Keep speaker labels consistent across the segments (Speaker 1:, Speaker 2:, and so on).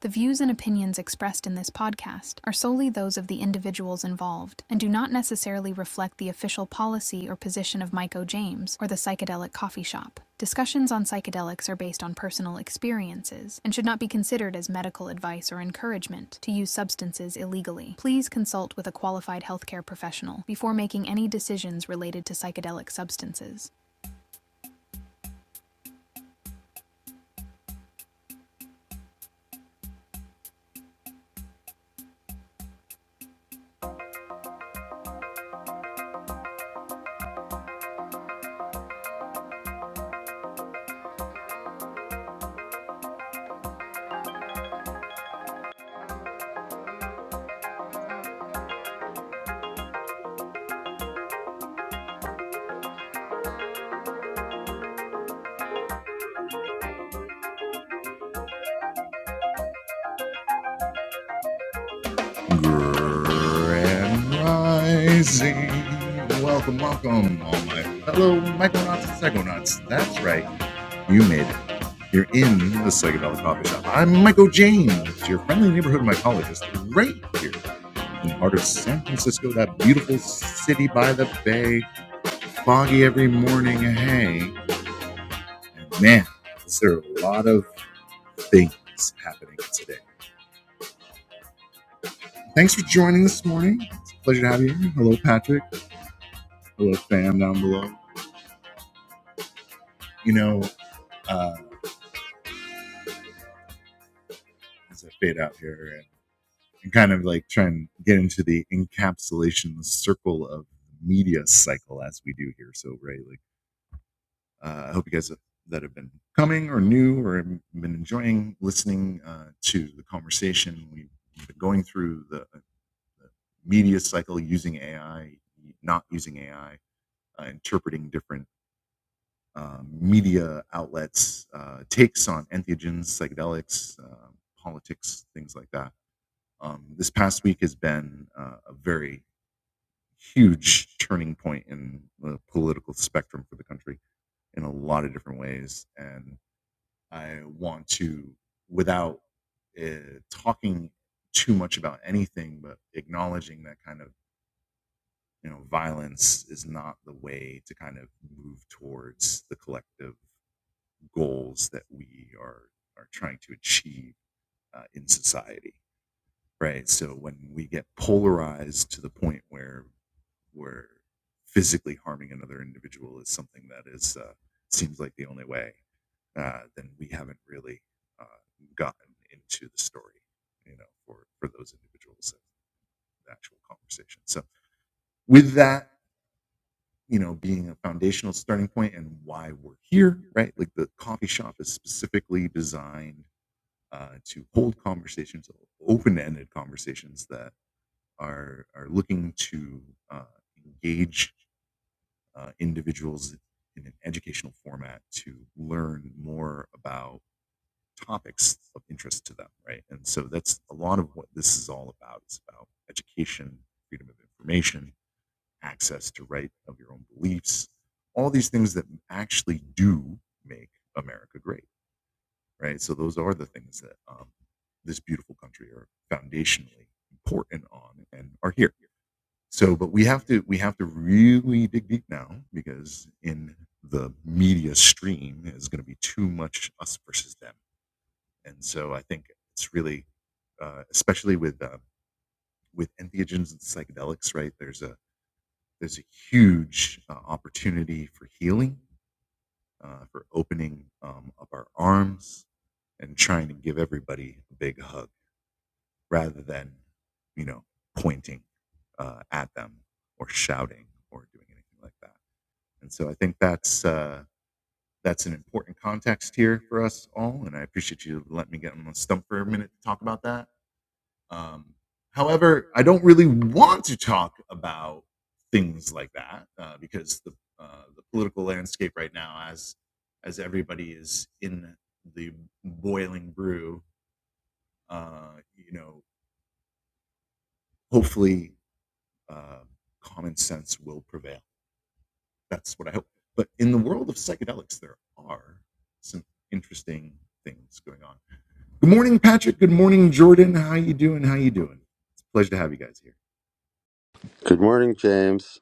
Speaker 1: The views and opinions expressed in this podcast are solely those of the individuals involved and do not necessarily reflect the official policy or position of Mike O. James or the Psychedelic Coffee Shop. Discussions on psychedelics are based on personal experiences and should not be considered as medical advice or encouragement to use substances illegally. Please consult with a qualified healthcare professional before making any decisions related to psychedelic substances.
Speaker 2: Good morning, James.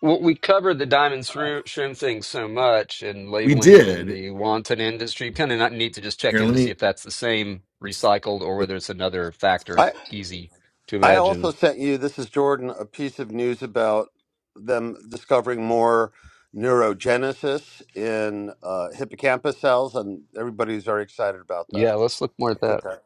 Speaker 3: Well, we covered the diamond shroom, shroom thing so much and labeling and the wanton industry. Kind of not need to just check in to see if that's the same recycled or whether it's another factor.
Speaker 2: I
Speaker 3: Easy to
Speaker 2: I also
Speaker 3: imagine.
Speaker 2: sent you this is Jordan a piece of news about them discovering more neurogenesis in uh, hippocampus cells, and everybody's very excited about
Speaker 3: Yeah,
Speaker 2: that.
Speaker 3: let's look more
Speaker 2: I
Speaker 3: at
Speaker 2: put
Speaker 3: that.
Speaker 2: that.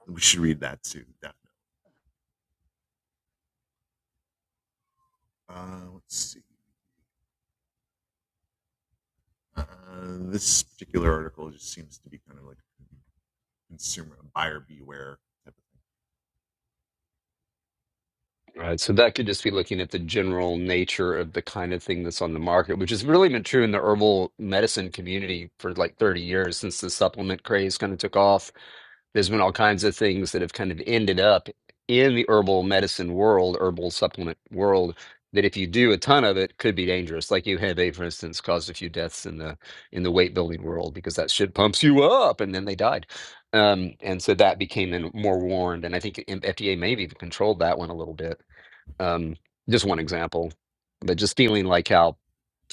Speaker 3: Right, So that could just be looking at the general nature of the kind of thing that's on the market, which has really been true in the herbal medicine community for like 30 years since the supplement craze kind of took off There's been all kinds of things that have kind of ended up in the herbal medicine world, herbal supplement world, that if you do a ton of it, could be dangerous. Like UHEMA, for instance, caused a few deaths in the in the weight building world because that shit pumps you up, and then they died. Um, and so that became then more warned, and I think the FDA maybe even controlled that one a little bit. Um, just one example, but just feeling like how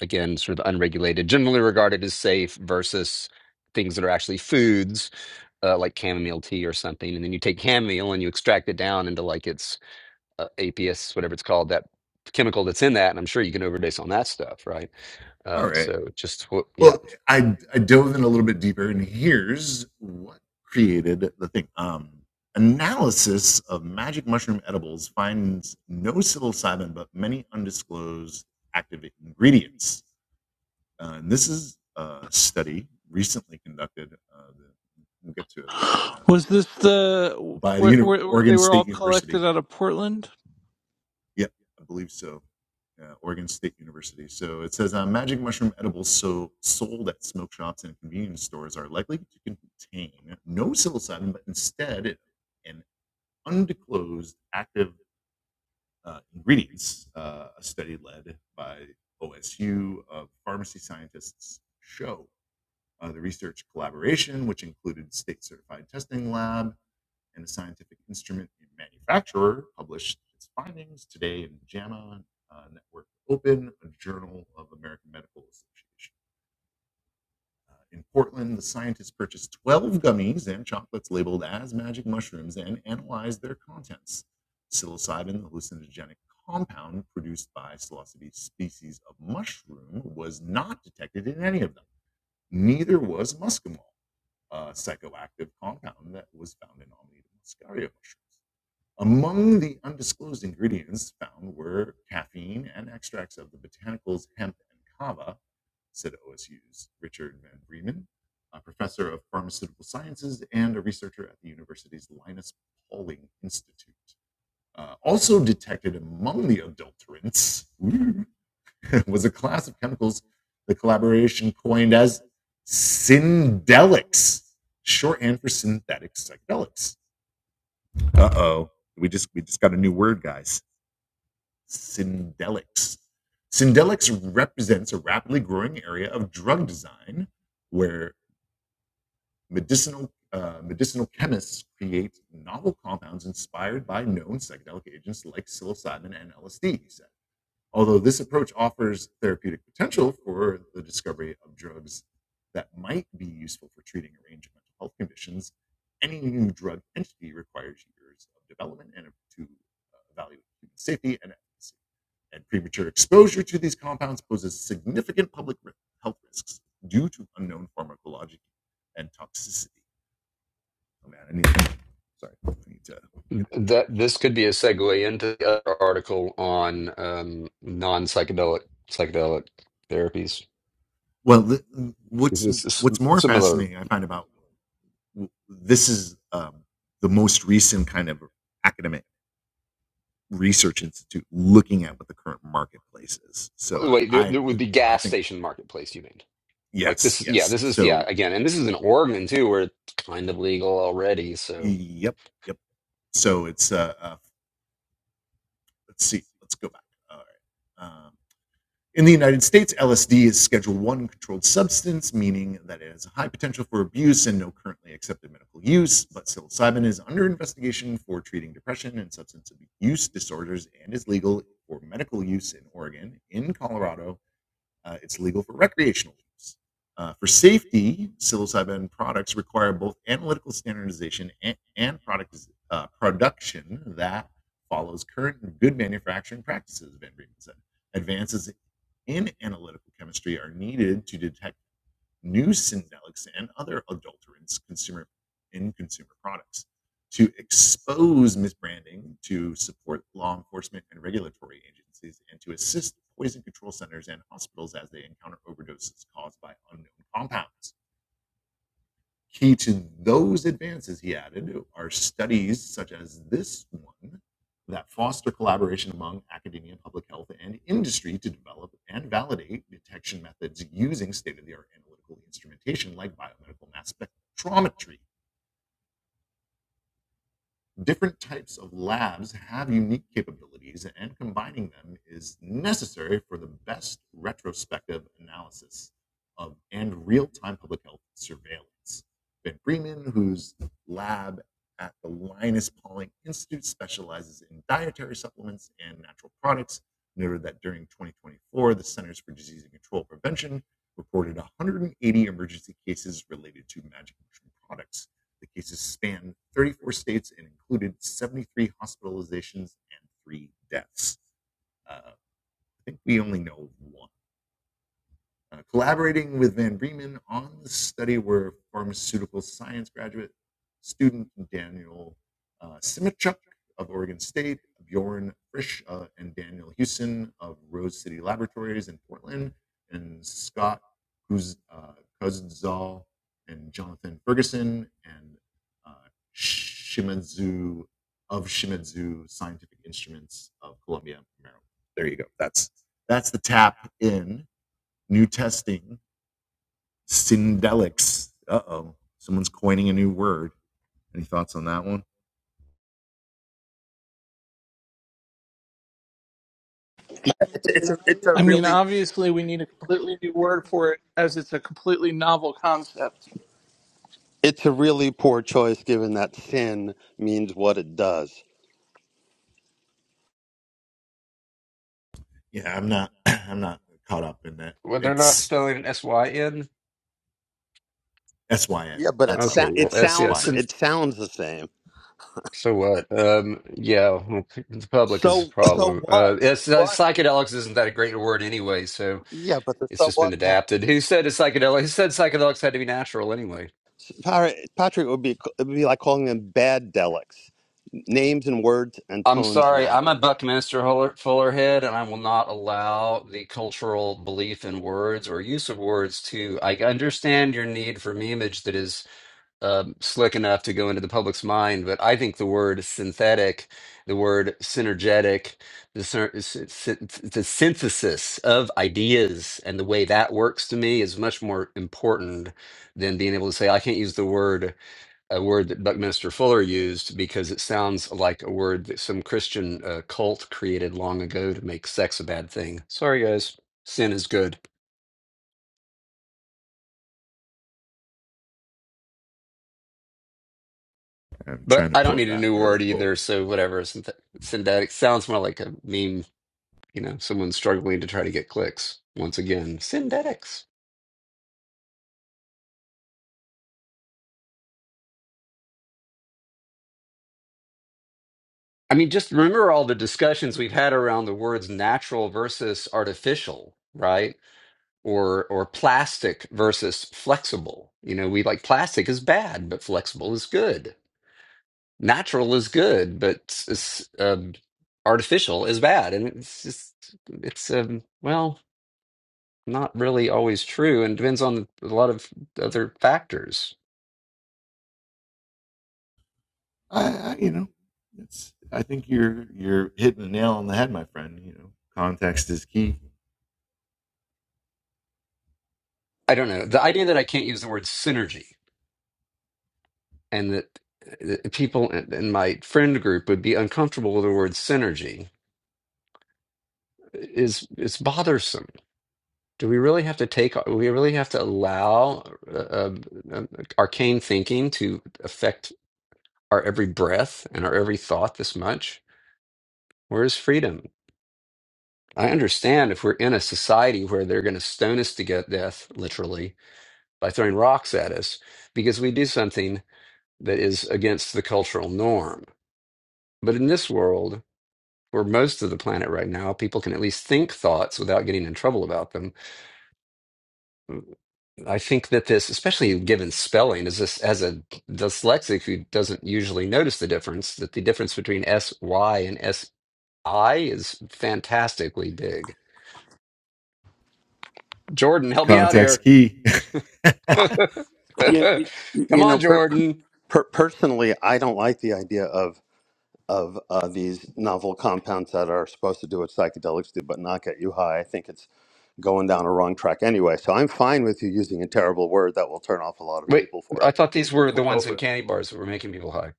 Speaker 3: again, sort of unregulated, generally regarded as safe versus things that are actually foods uh, like chamomile tea or something, and then you take chamomile and you extract it down into like its uh, APS, whatever it's called, that chemical that's in that, and I'm sure you can overdose on that stuff, right? Uh, so just what, yeah,
Speaker 4: Was this the where, where, where they were all collected out of Portland?
Speaker 3: that this could be a segue into the other article on um, non-psychedelic psychedelic therapies. This is similar. Wait, there, there would be gas station marketplace. You mean like this? Yeah, this is yeah again, and this is in Oregon too, where it's kind of legal already. So.
Speaker 2: It's, it's a it's a
Speaker 4: I mean,
Speaker 2: really
Speaker 4: obviously, we need a completely new word for it as it's a completely novel concept.
Speaker 2: it's a really poor choice given that sin means what it does.
Speaker 3: Well, they're not spelling it S-Y-N?
Speaker 2: Yeah, but it
Speaker 3: Okay,
Speaker 2: sa-
Speaker 3: well,
Speaker 2: it
Speaker 3: S, yeah,
Speaker 2: sounds
Speaker 3: since,
Speaker 2: it sounds the same.
Speaker 3: so what? Um, yeah, well, the public is a
Speaker 2: So so
Speaker 3: problem.
Speaker 2: what?
Speaker 3: Uh,
Speaker 2: So
Speaker 3: it's, uh,
Speaker 2: what?
Speaker 3: psychedelics isn't that a great word anyway, so
Speaker 2: Yeah, but the
Speaker 3: it's
Speaker 2: so
Speaker 3: just been
Speaker 2: what?
Speaker 3: adapted. Who said a psychedelic? Who said psychedelics had to be natural anyway?
Speaker 2: Par- Patrick, it would be it would be like calling them bad delics. Names and words and
Speaker 3: I'm
Speaker 2: tones
Speaker 3: sorry, I'm a
Speaker 2: matter.
Speaker 3: Buckminster Fuller, Fuller head, and I will not allow the cultural belief in words or use of words to. I understand your need for memeage that is um, slick enough to go into the public's mind, but I think the word synthetic, the word synergetic, the, syn- syn- the synthesis of ideas and the way that works to me is much more important than being able to say, I can't use the word, a word that Buckminster Fuller used because it sounds like a word that some Christian uh, cult created long ago to make sex a bad thing. Sorry, guys, sin is good. But I don't need a new word either, so whatever. Synthet- synthetic sounds more like a meme You know, someone struggling to try to get clicks. Once again, synthetics. I mean, just remember all the discussions we've had around the words natural versus artificial, right? Or or plastic versus flexible. You know, we like plastic is bad, but flexible is good. Natural is good, but s- s- um, artificial is bad. And it's just it's um, well, not really always true, and depends on a lot of other factors. I don't know. The idea that I can't use the word synergy and that that people in in my friend group would be uncomfortable with the word synergy is is bothersome. Do we really have to take? uh, We really have to allow uh, uh, uh, arcane thinking to affect our every breath and our every thought this much? Where is freedom? I understand if we're in a society where they're going to stone us to get death, literally, by throwing rocks at us because we do something that is against the cultural norm. But in this world, where most of the planet right now, people can at least think thoughts without getting in trouble about them. I think that this, especially given spelling, is this as a dyslexic who doesn't usually notice the difference, that the difference between S Y and S I is fantastically big. Jordan, help me out here.
Speaker 2: Yeah, y- y-
Speaker 3: Come
Speaker 2: you
Speaker 3: on,
Speaker 2: know, per-
Speaker 3: Jordan.
Speaker 2: per- personally, I don't like the idea of of uh, these novel compounds that are supposed to do what psychedelics do, but not get you high. I think it's going down a wrong track anyway. So I'm fine with you using a terrible word that will turn off a lot of
Speaker 3: Wait,
Speaker 2: people for
Speaker 3: I
Speaker 2: it.
Speaker 3: thought these
Speaker 2: Go
Speaker 3: were
Speaker 2: for,
Speaker 3: the
Speaker 2: go
Speaker 3: ones in
Speaker 2: for it.
Speaker 3: candy bars that were making people high.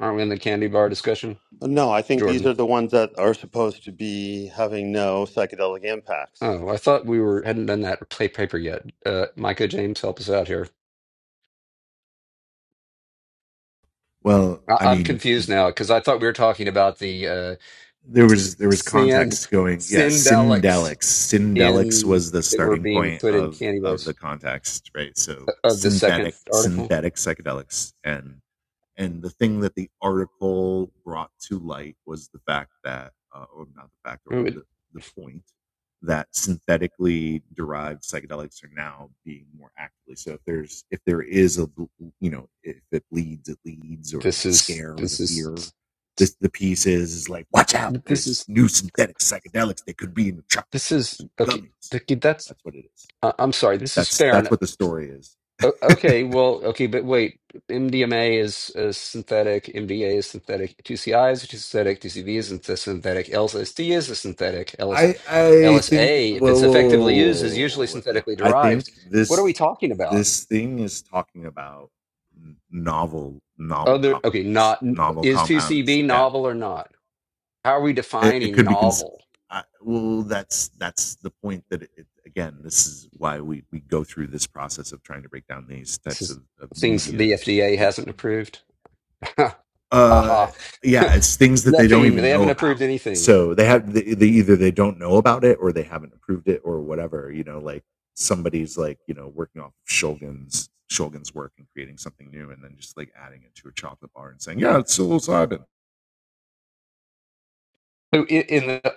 Speaker 3: Aren't we in the candy bar discussion?
Speaker 2: No, I think these
Speaker 3: Jordan.
Speaker 2: are the ones that are supposed to be having no psychedelic impacts.
Speaker 3: Oh, I thought we were hadn't done that play paper yet. Uh, Micah James, help us out here. I- I'm confused now because I thought we were talking about the uh, sand syndelics in that were being put in candy bars uh, of the second article. Ooh, This is this is this is this is okay. th- That's I- I'm sorry. This is fair. O- Okay, well, okay, but wait. MDMA is, is synthetic, MDA is synthetic, 2CI is synthetic, 2CB is synth- synthetic, LSD is a synthetic, LS, LSA, if it's effectively used, is usually synthetically derived. What are we talking about? Other, okay, not, is 2CB novel or not? How are we defining novel? This is things the FDA hasn't approved. Ha ha. Nothing. They haven't approved anything. So i- in the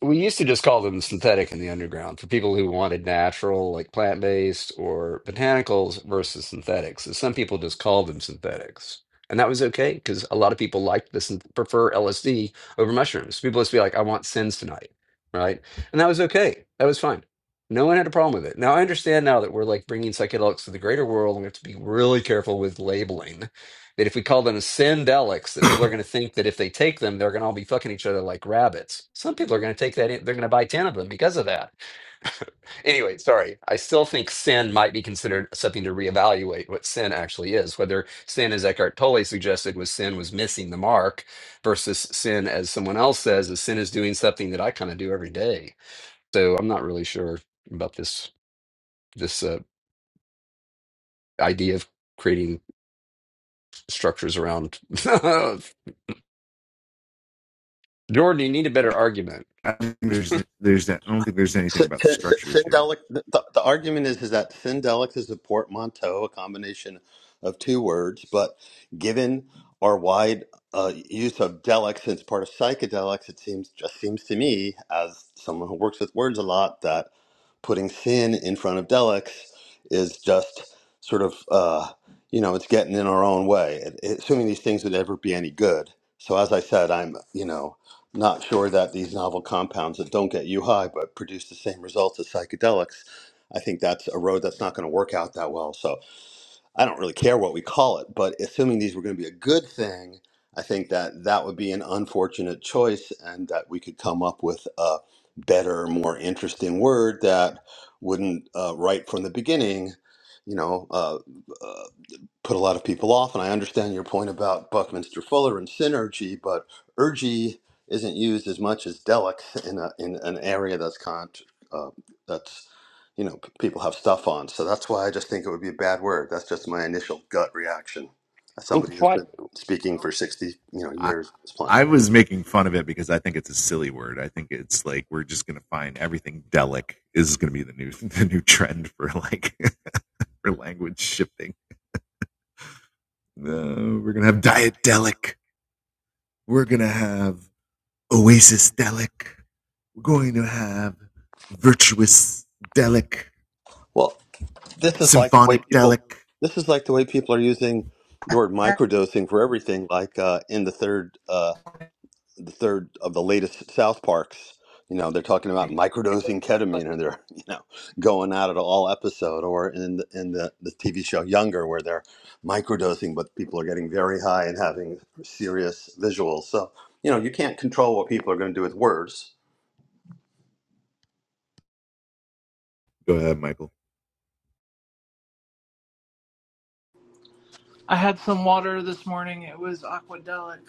Speaker 3: we used to just call them synthetic in the underground for people who wanted natural, like plant-based or botanicals versus synthetics. So some people just called them synthetics. And that was okay because a lot of people liked this and prefer LSD over mushrooms. People just be like, I want sins tonight, right? And that was okay. That was fine. No one had a problem with it. Now I understand now that we're like bringing psychedelics to the greater world and we have to be really careful with labeling that if we call them sendelics, that people are going to think that if they take them, they're going to all be fucking each other like rabbits. Some people are going to take that; in, they're going to buy ten of them because of that. anyway, sorry. I still think sin might be considered something to reevaluate what sin actually is. Whether sin, as Eckhart Tolle suggested, was sin was missing the mark, versus sin, as someone else says, is sin is doing something that I kind of do every day. So I'm not really sure about this this uh, idea of creating structures around Jordan, you need a better argument.
Speaker 2: S- s- s- Syndelic. The, the argument is is that syndelic is a portmanteau, a combination of two words, but given our wide uh, use of delic since part of psychedelics, it seems just seems to me, as someone who works with words a lot, that putting sin in front of delics is just sort of uh, you know it's getting in our own way. It- it- assuming these things would ever be any good. So as I said, I'm you know not sure that these novel compounds that don't get you high but produce the same results as psychedelics. I think that's a road that's not going to work out that well. So I don't really care what we call it, but assuming these were going to be a good thing, I think that that would be an unfortunate choice and that we could come up with a better, more interesting word that wouldn't, uh, right from the beginning, you know, uh, uh, put a lot of people off. And I understand your point about Buckminster Fuller and synergy, but ergy isn't used as much as delic in a, in an area that's con uh, that's you know p- people have stuff on. So that's why I just think it would be a bad word. That's just my initial gut reaction as
Speaker 3: Well,
Speaker 2: somebody who's been
Speaker 3: what?
Speaker 2: speaking for sixty you know years on this planet. Well, this is like the way people. This is like the way people are using the word microdosing for everything, like uh, in the third. Uh, the third of the latest South Parks. You know, they're talking about
Speaker 4: It was-
Speaker 2: microdosing
Speaker 4: like,
Speaker 2: ketamine, and they're you know going at it all episode. Or in the, in the the TV show Younger, where they're microdosing, but people are getting very high and having serious visuals. So you know, you can't control what people are going to do with words.
Speaker 4: I had some water this morning. It was aquadelic.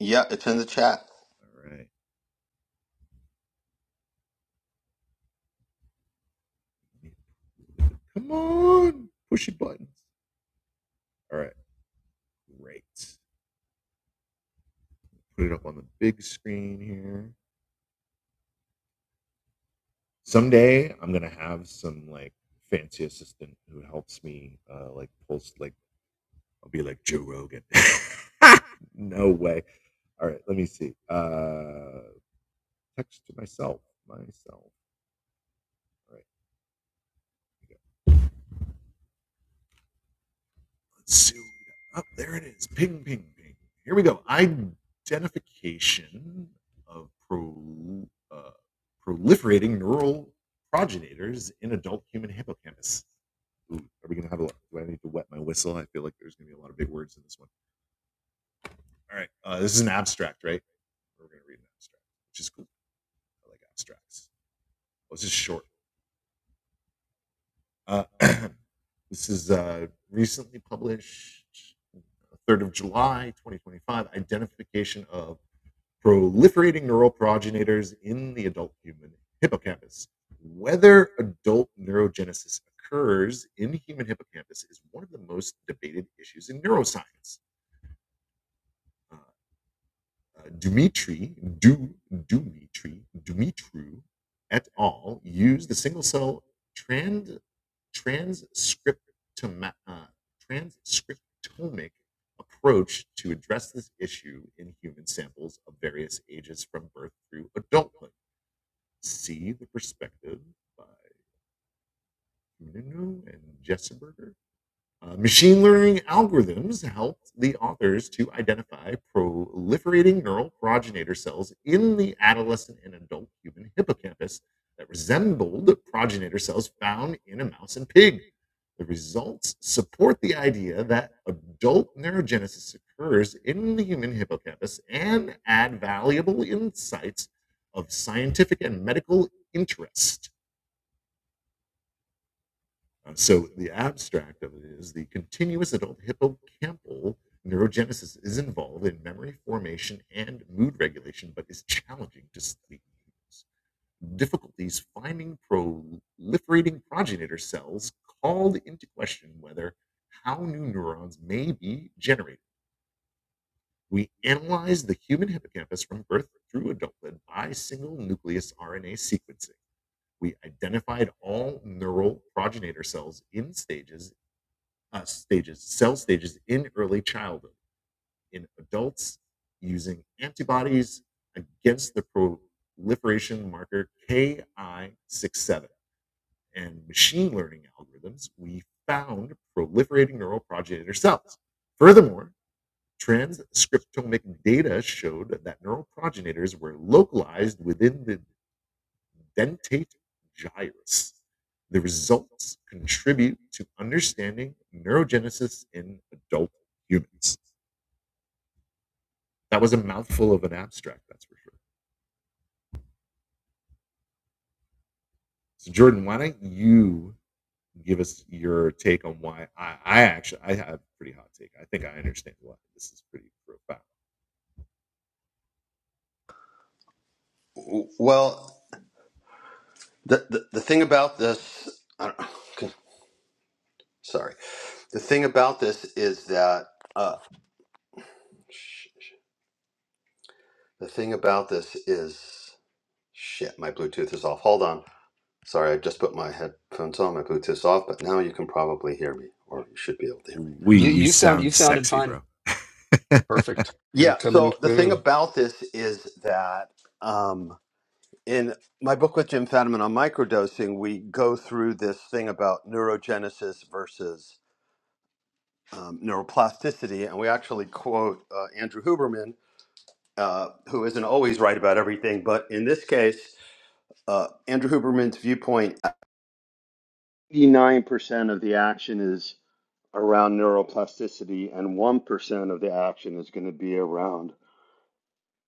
Speaker 2: Yeah, it's in the chat. W- Well, the the, the thing about this, I don't, sorry, the thing about this is that uh, sh- the thing about this is. Shit, my Bluetooth is off. Hold on. Sorry, I just put my headphones on, my Bluetooth's off, but now you can probably hear me, or you should be able to hear me.
Speaker 3: You you sound you sounded fine. Perfect. You're
Speaker 2: Yeah,
Speaker 3: coming
Speaker 2: so the thing
Speaker 3: through.
Speaker 2: about this is that um, in my book with Jim Fadiman on microdosing, we go through this thing about neurogenesis versus um, neuroplasticity, and we actually quote uh, Andrew Huberman, uh, who isn't always right about everything, but in this case, uh, Andrew Huberman's viewpoint 89 percent of the action is around neuroplasticity, and 1% of the action is going to be around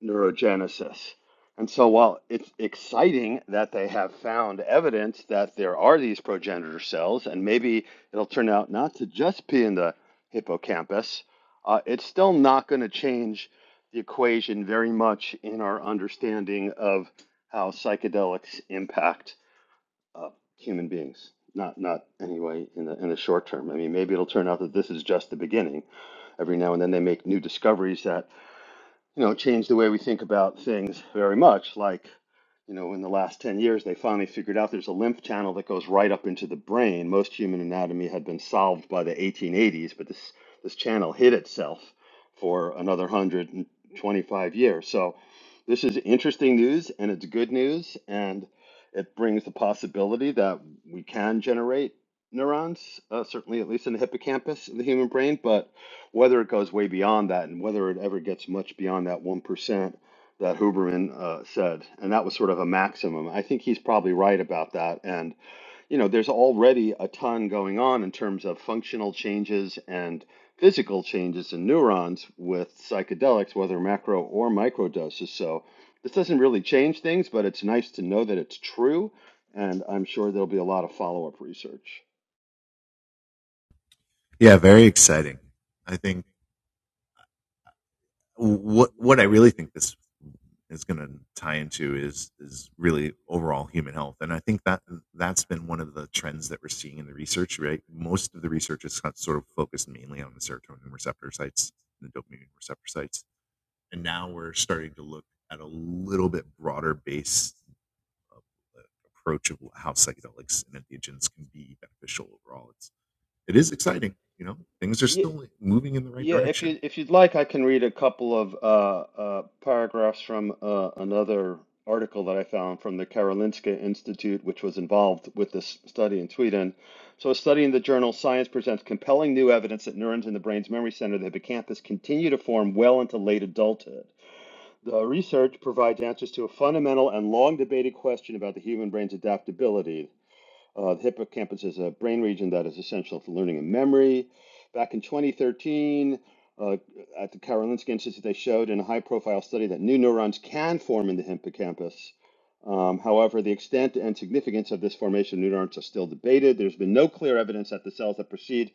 Speaker 2: neurogenesis. And so, while it's exciting that they have found evidence that there are these progenitor cells, and maybe it'll turn out not to just be in the hippocampus, uh, it's still not going to change the equation very much in our understanding of how psychedelics impact uh, human beings. Not not anyway in the in the short term. I mean, maybe it'll turn out that this is just the beginning. Every now and then they make new discoveries that you know, changed the way we think about things very much. Like, you know, in the last 10 years, they finally figured out there's a lymph channel that goes right up into the brain. Most human anatomy had been solved by the 1880s, but this, this channel hid itself for another 125 years. So, this is interesting news and it's good news, and it brings the possibility that we can generate neurons, uh, certainly at least in the hippocampus in the human brain, but whether it goes way beyond that and whether it ever gets much beyond that 1% that Huberman uh, said. And that was sort of a maximum. I think he's probably right about that. And, you know, there's already a ton going on in terms of functional changes and physical changes in neurons with psychedelics, whether macro or micro doses. So this doesn't really change things, but it's nice to know that it's true. And I'm sure there'll be a lot of follow up research. Yeah. Yeah, if you if you'd like, I can read a couple of uh, uh, paragraphs from uh, another article that I found from the Karolinska Institute, which was involved with this study in Sweden. So, a study in the journal Science presents compelling new evidence that neurons in the brain's memory center, the hippocampus, continue to form well into late adulthood. The research provides answers to a fundamental and long debated question about the human brain's adaptability. Uh, the hippocampus is a brain region that is essential for learning and memory. Back in 2013, uh, at the Karolinska Institute, they showed in a high profile study that new neurons can form in the hippocampus. Um, however, the extent and significance of this formation of new neurons are still debated. There's been no clear evidence that the cells that precede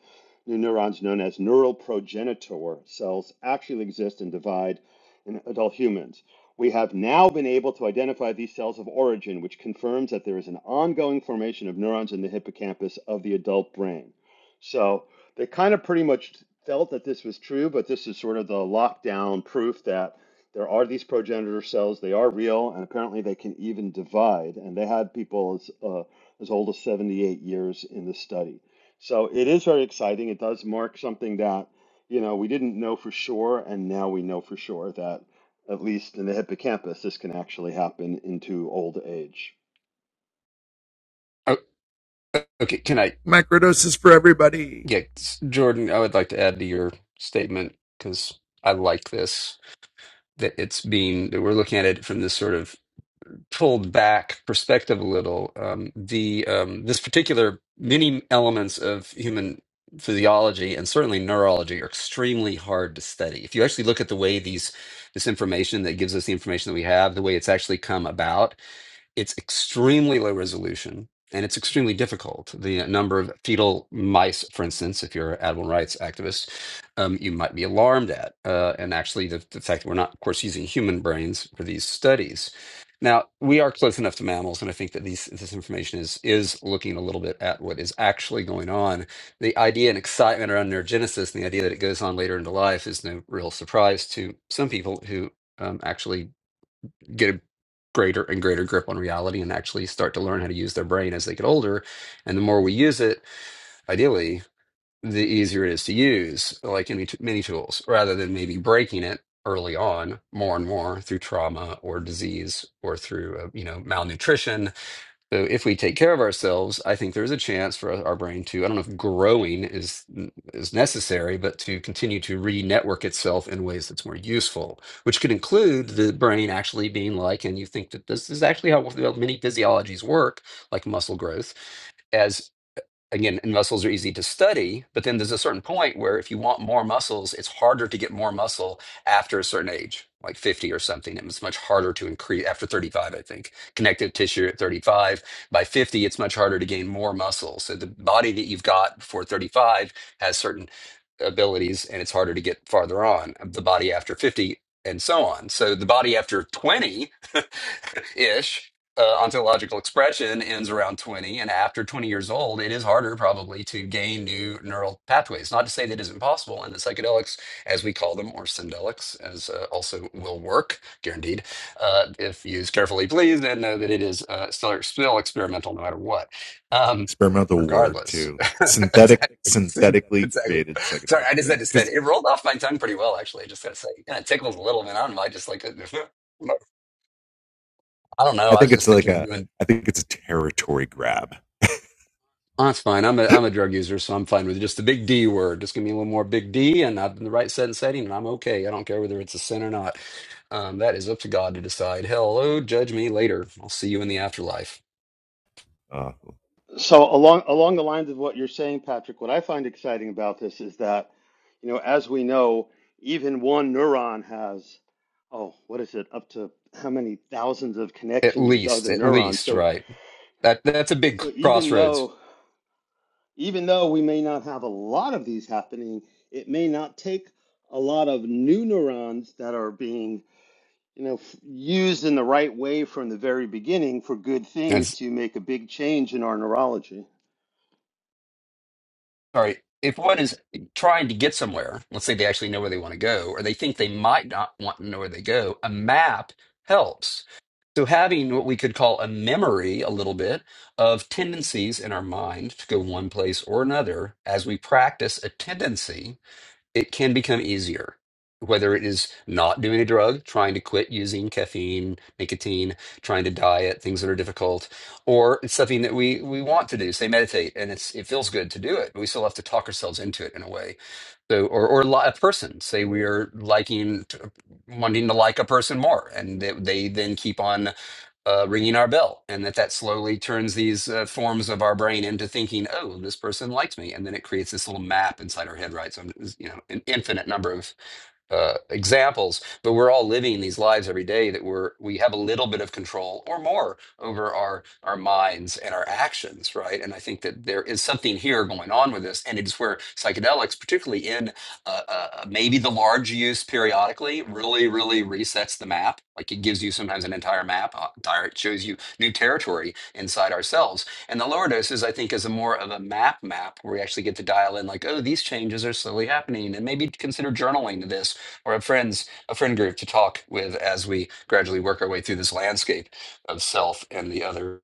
Speaker 2: new neurons, known as neural progenitor cells, actually exist and divide in adult humans. We have now been able to identify these cells of origin, which confirms that there is an ongoing formation of neurons in the hippocampus of the adult brain. So they kind of pretty much felt that this was true, but this is sort of the lockdown proof that there are these progenitor cells. They are real, and apparently they can even divide. And they had people as, uh, as old as 78 years in the study. So it is very exciting. It does mark something that you know, we didn't know for sure, and now we know for sure that at least in the hippocampus, this can actually happen into old age.
Speaker 3: Oh, okay, can I? Yeah, s- Jordan, I would like to add to your statement because I like this that it's being that we're looking at it from this sort of pulled back perspective a little, um, the um, this particular many elements of human physiology and certainly neurology are extremely hard to study. If you actually look at the way these this information that gives us the information that we have, the way it's actually come about, it's extremely low resolution and it's extremely difficult. The uh, number of fetal mice, for instance, if you're an animal rights activist, um, you might be alarmed at. Uh, and actually, the, the fact that we're not, of course, using human brains for these studies. Now, we are close enough to mammals, and I think that these, this information is, is looking a little bit at what is actually going on. The idea and excitement around neurogenesis and the idea that it goes on later into life is no real surprise to some people who um, actually get a greater and greater grip on reality and actually start to learn how to use their brain as they get older. And the more we use it, ideally, the easier it is to use, like any t- many tools, rather than maybe breaking it early on more and more through trauma or disease or through uh, you know malnutrition so if we take care of ourselves, I think there's a chance for our brain to, I don't know if growing is is necessary, but to continue to re-network itself in ways that's more useful, which could include the brain actually being like, and you think that this is actually how many physiologies work, like muscle growth, as again, and muscles are easy to study, but then there's a certain point where if you want more muscles, it's harder to get more muscle after a certain age, like 50 or something. It's much harder to increase after 35, I think. Connective tissue at 35. By 50, it's much harder to gain more muscle. So the body that you've got before 35 has certain abilities and it's harder to get farther on. uh, The body after 50 and so on. So the body after 20 ish uh, ontological expression ends around 20 and after 20 years old it is harder probably to gain new neural pathways not to say that isn't possible and the psychedelics as we call them or syndelics as uh, also will work guaranteed uh, if used carefully please and know that it is uh, still, still experimental no matter what um, regardless exactly exactly sorry i just had to say it. it rolled off my tongue pretty well actually i just gotta say and it tickles a little bit i don't know i just like I don't know. I was just thinking of doing Oh, that's fine. I'm a I'm a drug user, so I'm fine with just the big D word. Just give me a little more big D, and I'm in the right set and setting, and I'm okay. I don't care whether it's a sin or not. Um, that is up to God to decide. Hello, judge me later. I'll see you in the afterlife.
Speaker 2: So along along the lines of what you're saying, Patrick, what I find exciting about this is that, you know, as we know, even one neuron has, oh, what is it, up to how many thousands of
Speaker 3: At
Speaker 2: connections with
Speaker 3: least,
Speaker 2: other
Speaker 3: at
Speaker 2: neurons.
Speaker 3: least,
Speaker 2: So
Speaker 3: right? That that's a big
Speaker 2: so even
Speaker 3: crossroads.
Speaker 2: though even though we may not have a lot of these happening, it may not take a lot of new neurons that are being you know, used in the right way from the very beginning for good
Speaker 3: That's
Speaker 2: things to make a big change in our neurology.
Speaker 3: sorry, if one is trying to get somewhere, let's say they actually know where they want to go, or they think they might not want to know where they go, a map helps. So having what we could call a memory a little bit of tendencies in our mind to go one place or another as we practice a tendency it can become easier whether it is not doing a drug trying to quit using caffeine nicotine trying to diet things that are difficult or it's something that we we want to do say meditate and it's it feels good to do it but we still have to talk ourselves into it in a way so or or li- a person say we are liking t- wanting to like a person more and they, they then keep on uh, ringing our bell, and that that slowly turns these uh, forms of our brain into thinking, "Oh, this person likes me," and then it creates this little map inside our head, right? So, I'm- you know, an infinite number of uh, examples, but we're all living these lives every day that we're we have a little bit of control or more over our our minds and our actions, right? And I think that there is something here going on with this, and it's where psychedelics, particularly in uh, uh, maybe the large use periodically, really really resets the map. Like it gives you sometimes an entire map, uh, entire it shows you new territory inside ourselves. And the lower doses, I think, is a more of a map map where we actually get to dial in, like, oh, these changes are slowly happening, and maybe consider journaling this or a friends a friend group to talk with as we gradually work our way through this landscape of self and the other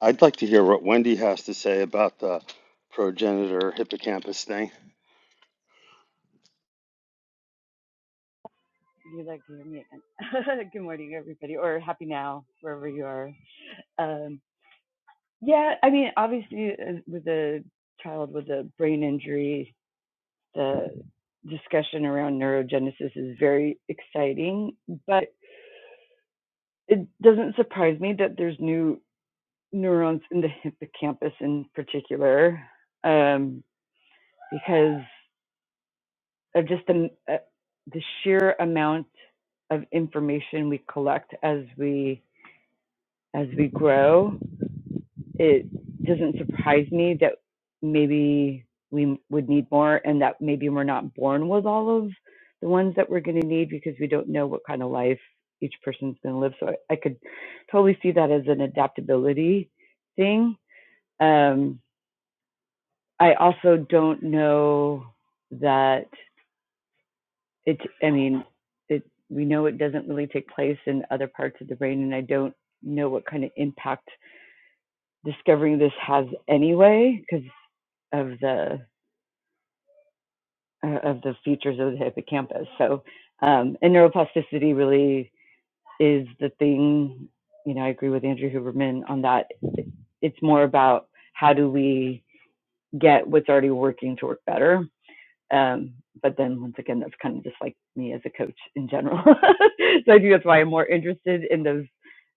Speaker 2: I'd like to hear what Wendy has to say about the progenitor hippocampus thing.
Speaker 5: you like to hear me again. Good morning, everybody, or happy now, wherever you are. Um, yeah, I mean, obviously, uh, with a child with a brain injury, the discussion around neurogenesis is very exciting, but it doesn't surprise me that there's new neurons in the hippocampus in particular, um, because of just the, uh, the sheer amount of information we collect as we as we grow it doesn't surprise me that maybe we would need more and that maybe we're not born with all of the ones that we're going to need because we don't know what kind of life each person's going to live. So I, I could totally see that as an adaptability thing. Um, I also don't know that it, I mean, it, we know it doesn't really take place in other parts of the brain, and I don't know what kind of impact discovering this has anyway because of the uh, of the features of the hippocampus. So, um, and neuroplasticity really is the thing. You know, I agree with Andrew Huberman on that. It's more about how do we get what's already working to work better um, but then once again, that's kind of just like me as a coach in general. so I think that's why I'm more interested in those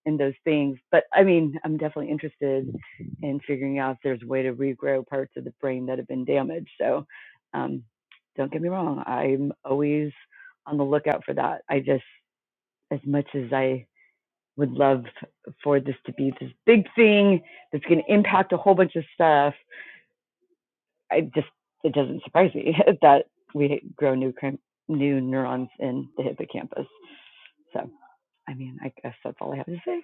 Speaker 5: in those things. But I mean, I'm definitely interested in figuring out if there's a way to regrow parts of the brain that have been damaged. So um, don't get me wrong, I'm always on the lookout for that. I just as much as I would love for this to be this big thing that's going to impact a whole bunch of stuff I just it doesn't surprise me that we grow new new neurons in the hippocampus. So I mean, I guess that's all I have to say.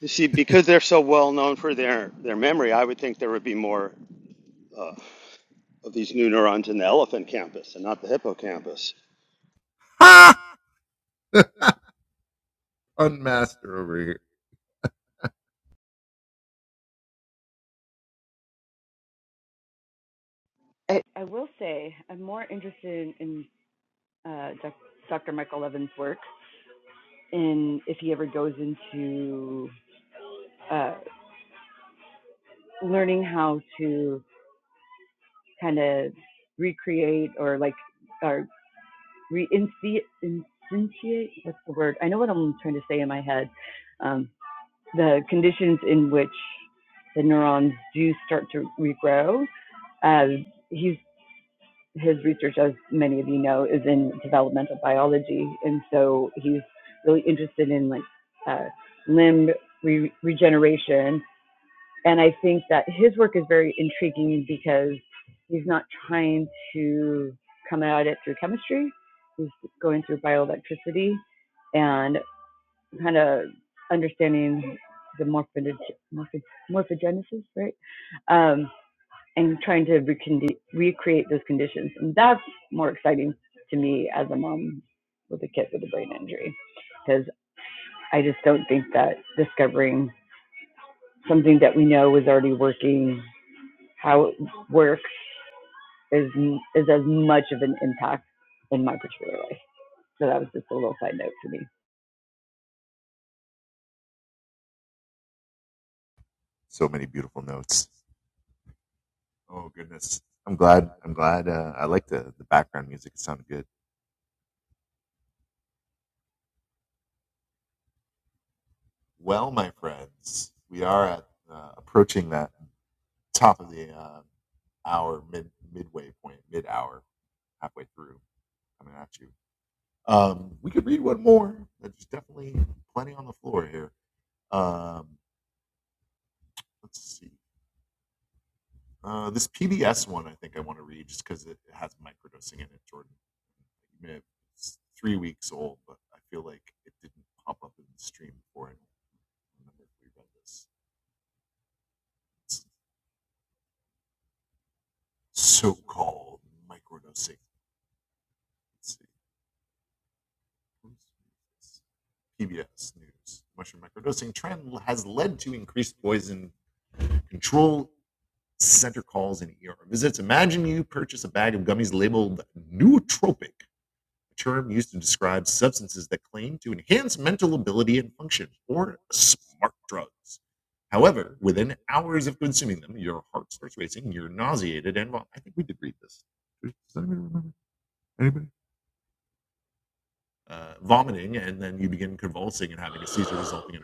Speaker 2: You see, because they're so well known for their, their memory, I would think there would be more uh, of these new neurons in the elephant campus and not the hippocampus.
Speaker 5: I, I will say I'm more interested in, uh, Dr. Michael Levin's work, in if he ever goes into uh, learning how to kind of recreate or like or reinstate. What's the word? I know what I'm trying to say in my head, um, the conditions in which the neurons do start to regrow. Uh, he's, his research, as many of you know, is in developmental biology, and so he's really interested in like uh, limb re- regeneration. And I think that his work is very intriguing because he's not trying to come at it through chemistry. He's going through bioelectricity, and kind of understanding the morphology, morpho, morphogenesis, right? Um, and trying to recondi- recreate those conditions. And that's more exciting to me as a mom with a kid with a brain injury, because I just don't think that discovering something that we know is already working, how it works, is is as much of an impact in my particular life. So that was just a little side note for me.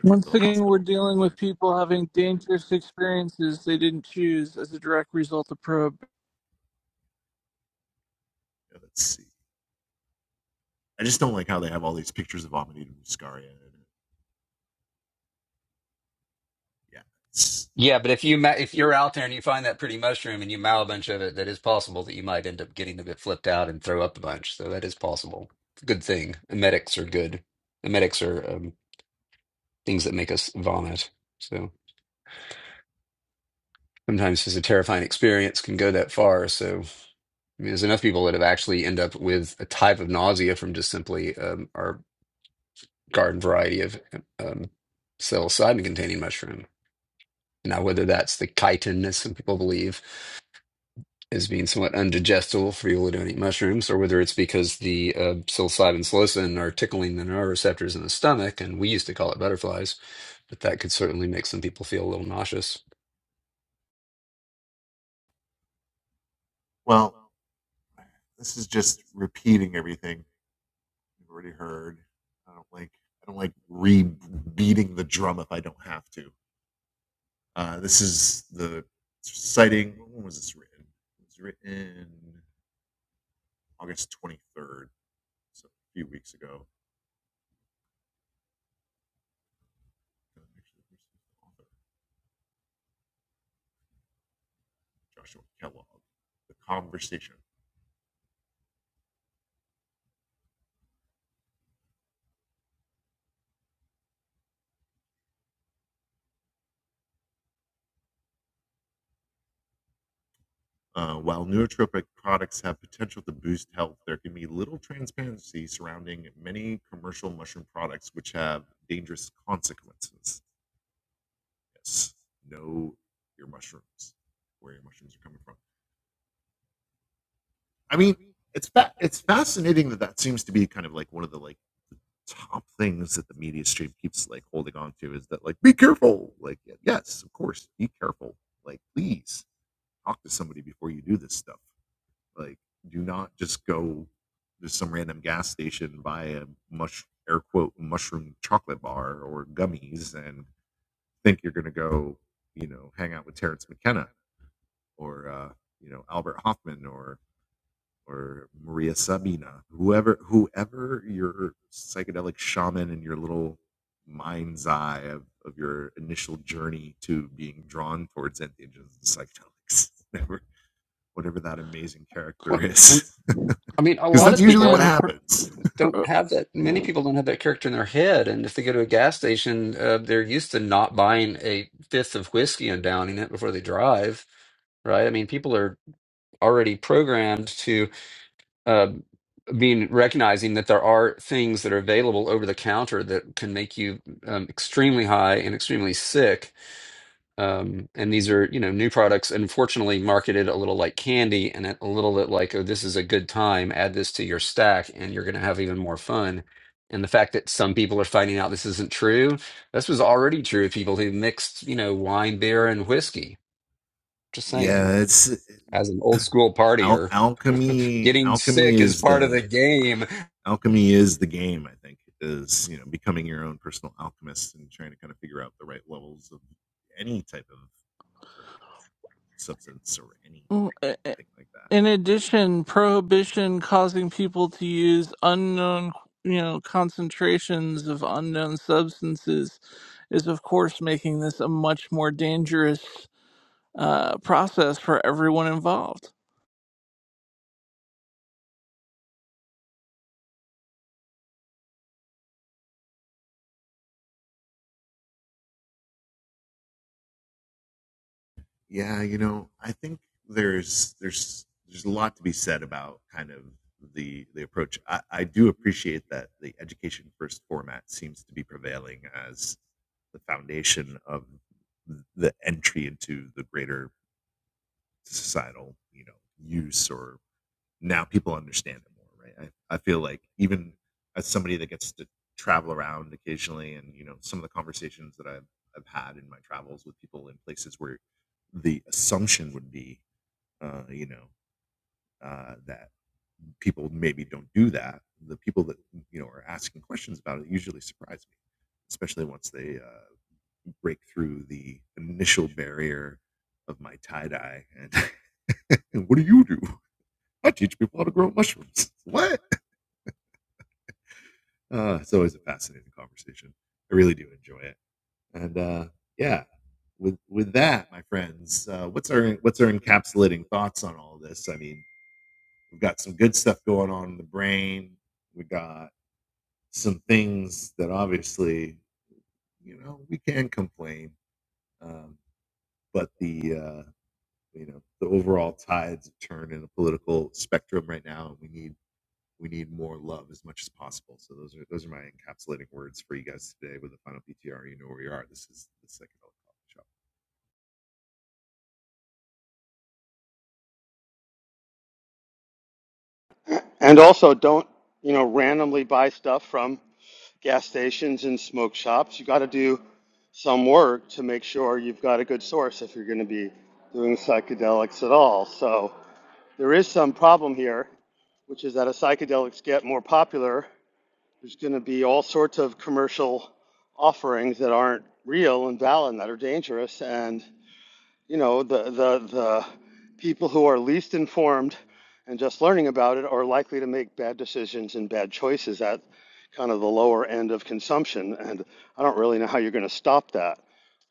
Speaker 4: Once again, we're dealing with people having dangerous experiences they didn't choose as a direct result of
Speaker 3: yeah but if you ma- if you're out there and you find that pretty mushroom and you mow a bunch of it that is possible that you might end up getting a bit flipped out and throw up a bunch so that is possible It's a good thing emetics are good emetics are um, things that make us vomit so sometimes just a terrifying experience can go that far so I mean, there's enough people that have actually end up with a type of nausea from just simply um, our garden variety of um, psilocybin containing mushroom. Now, whether that's the chitin, as some people believe, is being somewhat undigestible for people who don't eat mushrooms, or whether it's because the uh, psilocybin psilocin are tickling the nerve receptors in the stomach, and we used to call it butterflies, but that could certainly make some people feel a little nauseous. Well, I I mean, a lot of
Speaker 4: Once
Speaker 3: people I don't.
Speaker 4: again, pr-
Speaker 3: don't
Speaker 4: pr-
Speaker 3: have that. Many people don't have that character in their head, and if they go to a gas station, uh, they're used to not buying a fifth of whiskey and downing it before they drive, right? I mean, people are already programmed to uh, being recognizing that there are things that are available over the counter that can make you um, extremely high and extremely sick um, and these are you know new products unfortunately marketed a little like candy and a little bit like oh this is a good time add this to your stack and you're going to have even more fun and the fact that some people are finding out this isn't true this was already true of people who mixed you know wine beer and whiskey just saying as an old school partier getting sick is part of the game
Speaker 4: Mm, uh, uh, In addition, prohibition causing people to use unknown, you know, concentrations of unknown substances is, of course, making this a much more dangerous uh, process for everyone involved.
Speaker 2: And also, don't, you know, randomly buy stuff from gas stations and smoke shops. You got to do some work to make sure you've got a good source if you're going to be doing psychedelics at all. So, there is some problem here, which is that as psychedelics get more popular, there's going to be all sorts of commercial offerings that aren't real and valid and that are dangerous. and you know the the the people who are least informed and just learning about it are likely to make bad decisions and bad choices at kind of the lower end of consumption and I don't really know how you're going to stop that.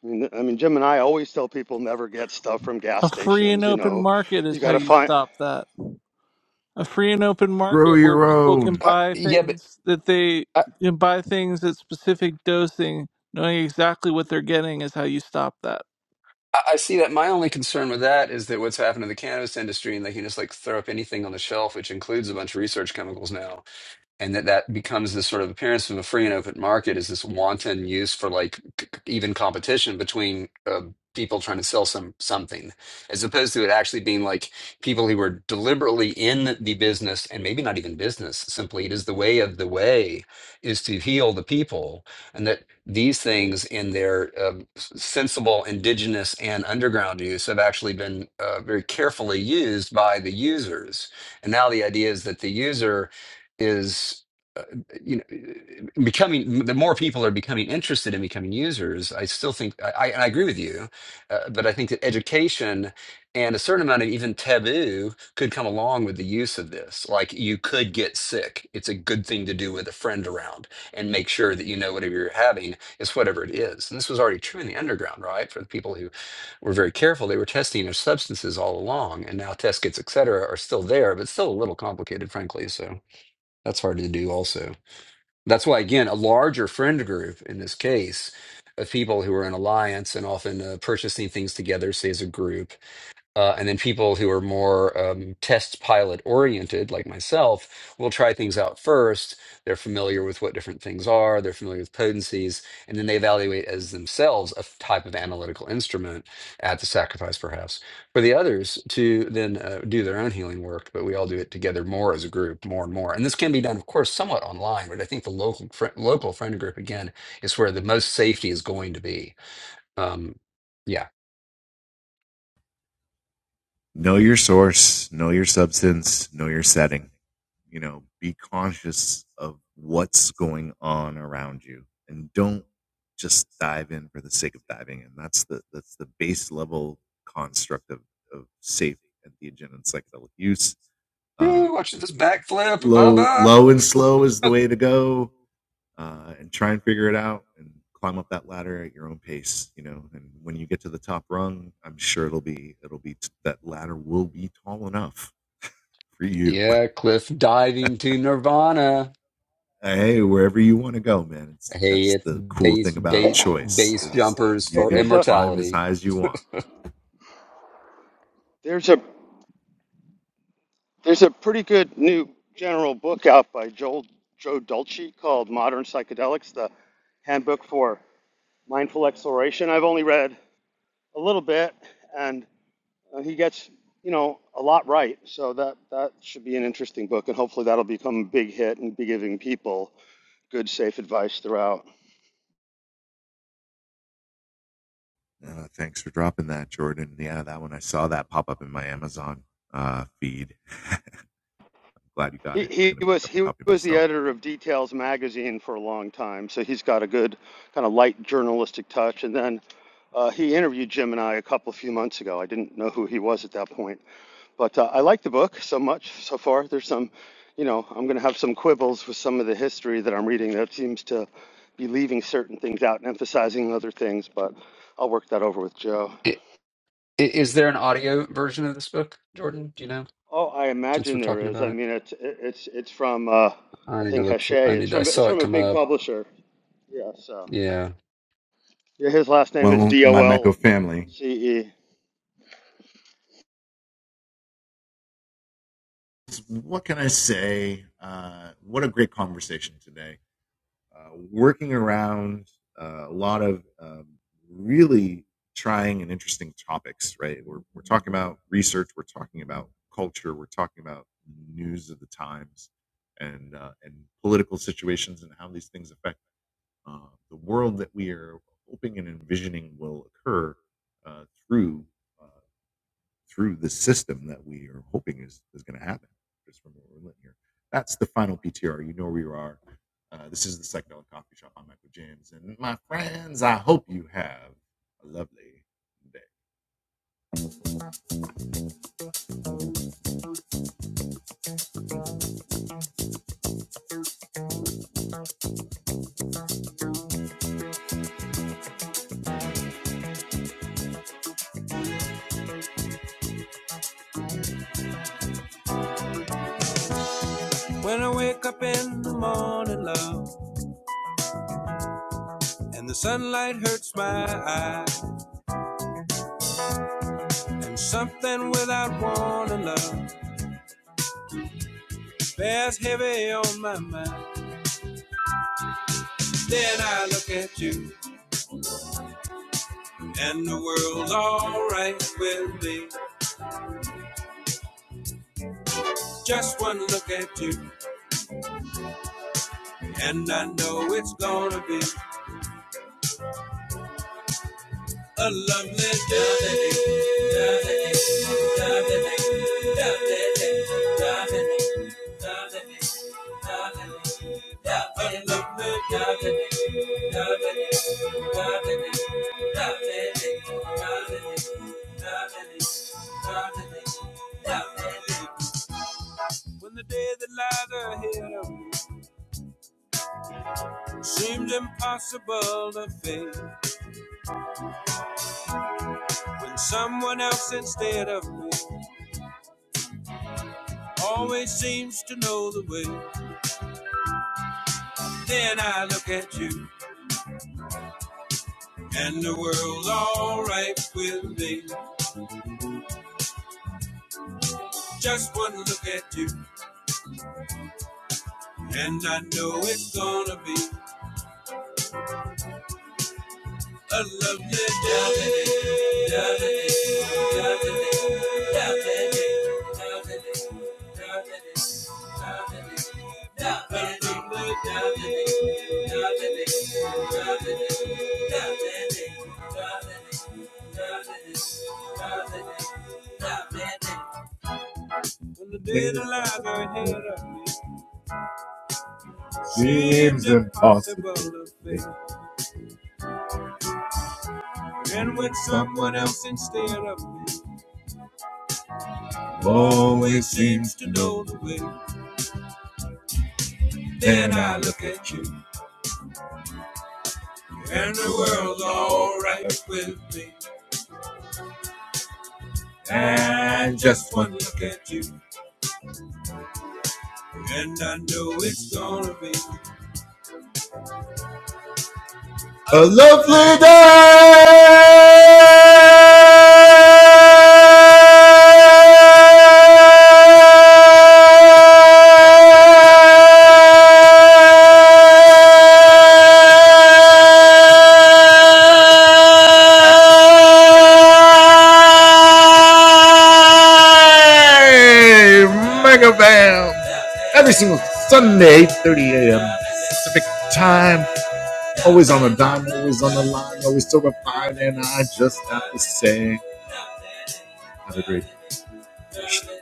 Speaker 2: I mean I mean Jim and I always tell people never get stuff from gas
Speaker 4: A free and
Speaker 2: stations, you
Speaker 4: open
Speaker 2: know.
Speaker 4: market
Speaker 2: You
Speaker 4: is how
Speaker 2: got to
Speaker 4: you
Speaker 2: find
Speaker 4: stop that. a free and open market where people can
Speaker 3: uh,
Speaker 4: buy
Speaker 3: yeah but
Speaker 4: things that they
Speaker 3: uh,
Speaker 4: can buy things at specific dosing knowing exactly what they're getting is how you stop that
Speaker 3: I I see that. My only concern with that is that what's happened to the cannabis industry, and they can just like throw up anything on the shelf, which includes a bunch of research chemicals now and that that becomes this sort of appearance of a free and open market is this wanton use for like c- even competition between uh, people trying to sell some something as opposed to it actually being like people who were deliberately in the business and maybe not even business simply it is the way of the way is to heal the people and that these things in their um, s- sensible indigenous and underground use have actually been uh, very carefully used by the users and now the idea is that the user is uh, you know uh, becoming the more people are becoming interested in becoming users i still think i, I agree with you uh, but i think that education and a certain amount of even taboo could come along with the use of this like you could get sick it's a good thing to do with a friend around and make sure that you know whatever you're having is whatever it is and this was already true in the underground right for the people who were very careful they were testing their substances all along and now test kits et cetera are still there but still a little complicated frankly so that's hard to do also. That's why, again, a larger friend group in this case of people who are in alliance and often uh, purchasing things together, say as a group, uh, and then people who are more um, test pilot oriented, like myself, will try things out first. They're familiar with what different things are, they're familiar with potencies, and then they evaluate as themselves a f- type of analytical instrument at the sacrifice, perhaps, for the others to then uh, do their own healing work. But we all do it together more as a group, more and more. And this can be done, of course, somewhat online, but I think the local, fri local friend group, again, is where the most safety is going to be. Um, yeah. Woo, watch this backflip. Bye bye. Yeah, cliff diving to Nirvana. Hey, it's base base base jumpers
Speaker 2: Hey,
Speaker 3: for
Speaker 2: there's a
Speaker 3: immortality.
Speaker 2: there's a there's a pretty good new general book out by Joel Joe Dolce called Modern Psychedelics: The Handbook for Mindful Exploration. I've only read a little bit, and uh, he gets you know a lot right. So that that should be an interesting book, and hopefully that'll become a big hit and be giving people good, safe advice throughout. He, he was he was the editor of Details magazine for a long time, so he's got a good kind of light journalistic touch. And then uh, he interviewed Jim and I a couple of few months ago. I didn't know who he was at that point, but uh, I like the book so much so far. There's some, you know, I'm going to have some quibbles with some of the history that I'm reading that seems to be leaving certain things out and emphasizing other things, but I'll work that over with Joe.
Speaker 3: I- i- Is there an audio version of this book, Jordan? Do you know?
Speaker 2: Oh, I
Speaker 3: Since we're
Speaker 2: imagine there
Speaker 3: talking
Speaker 2: is.
Speaker 3: about
Speaker 2: I
Speaker 3: it,
Speaker 2: mean, it's it's it's from uh,
Speaker 3: I
Speaker 2: I
Speaker 3: need to
Speaker 2: think
Speaker 3: look for.
Speaker 2: Hachette.
Speaker 3: I
Speaker 2: It's
Speaker 3: need. I
Speaker 2: from it's
Speaker 3: saw it
Speaker 2: from a
Speaker 3: come
Speaker 2: big
Speaker 3: up.
Speaker 2: publisher. Yeah. So
Speaker 3: Yeah.
Speaker 2: yeah, his last name is D O L C E.
Speaker 1: When I wake up in the morning, love, and the sunlight hurts my eyes. And something without warning, love bears heavy on my mind. Then I look at you, and the world's alright with me. Just one look at you, and I know it's gonna be A lovely day. Lovely day. Lovely Lovely Lovely Lovely When the day that lies ahead of me seems impossible to face, when someone else instead of me always seems to know the way. Then I look at you, and the world's alright with me. Just one look at you, and I know it's gonna be. I love you, Dominic, Dominic, Dominic, Dominic, Dominic, Dominic, Dominic, Dominic, Dominic, Dominic, Dominic, When the dead alive are ahead of me, seems impossible to think. And with someone else instead of me. always seems to know the way. Then I look at you, and the world's alright with me. And just one look at you, and I know it's gonna be. Always on a dime, always on the line, always so refined, and I just have to say, have a great day. Love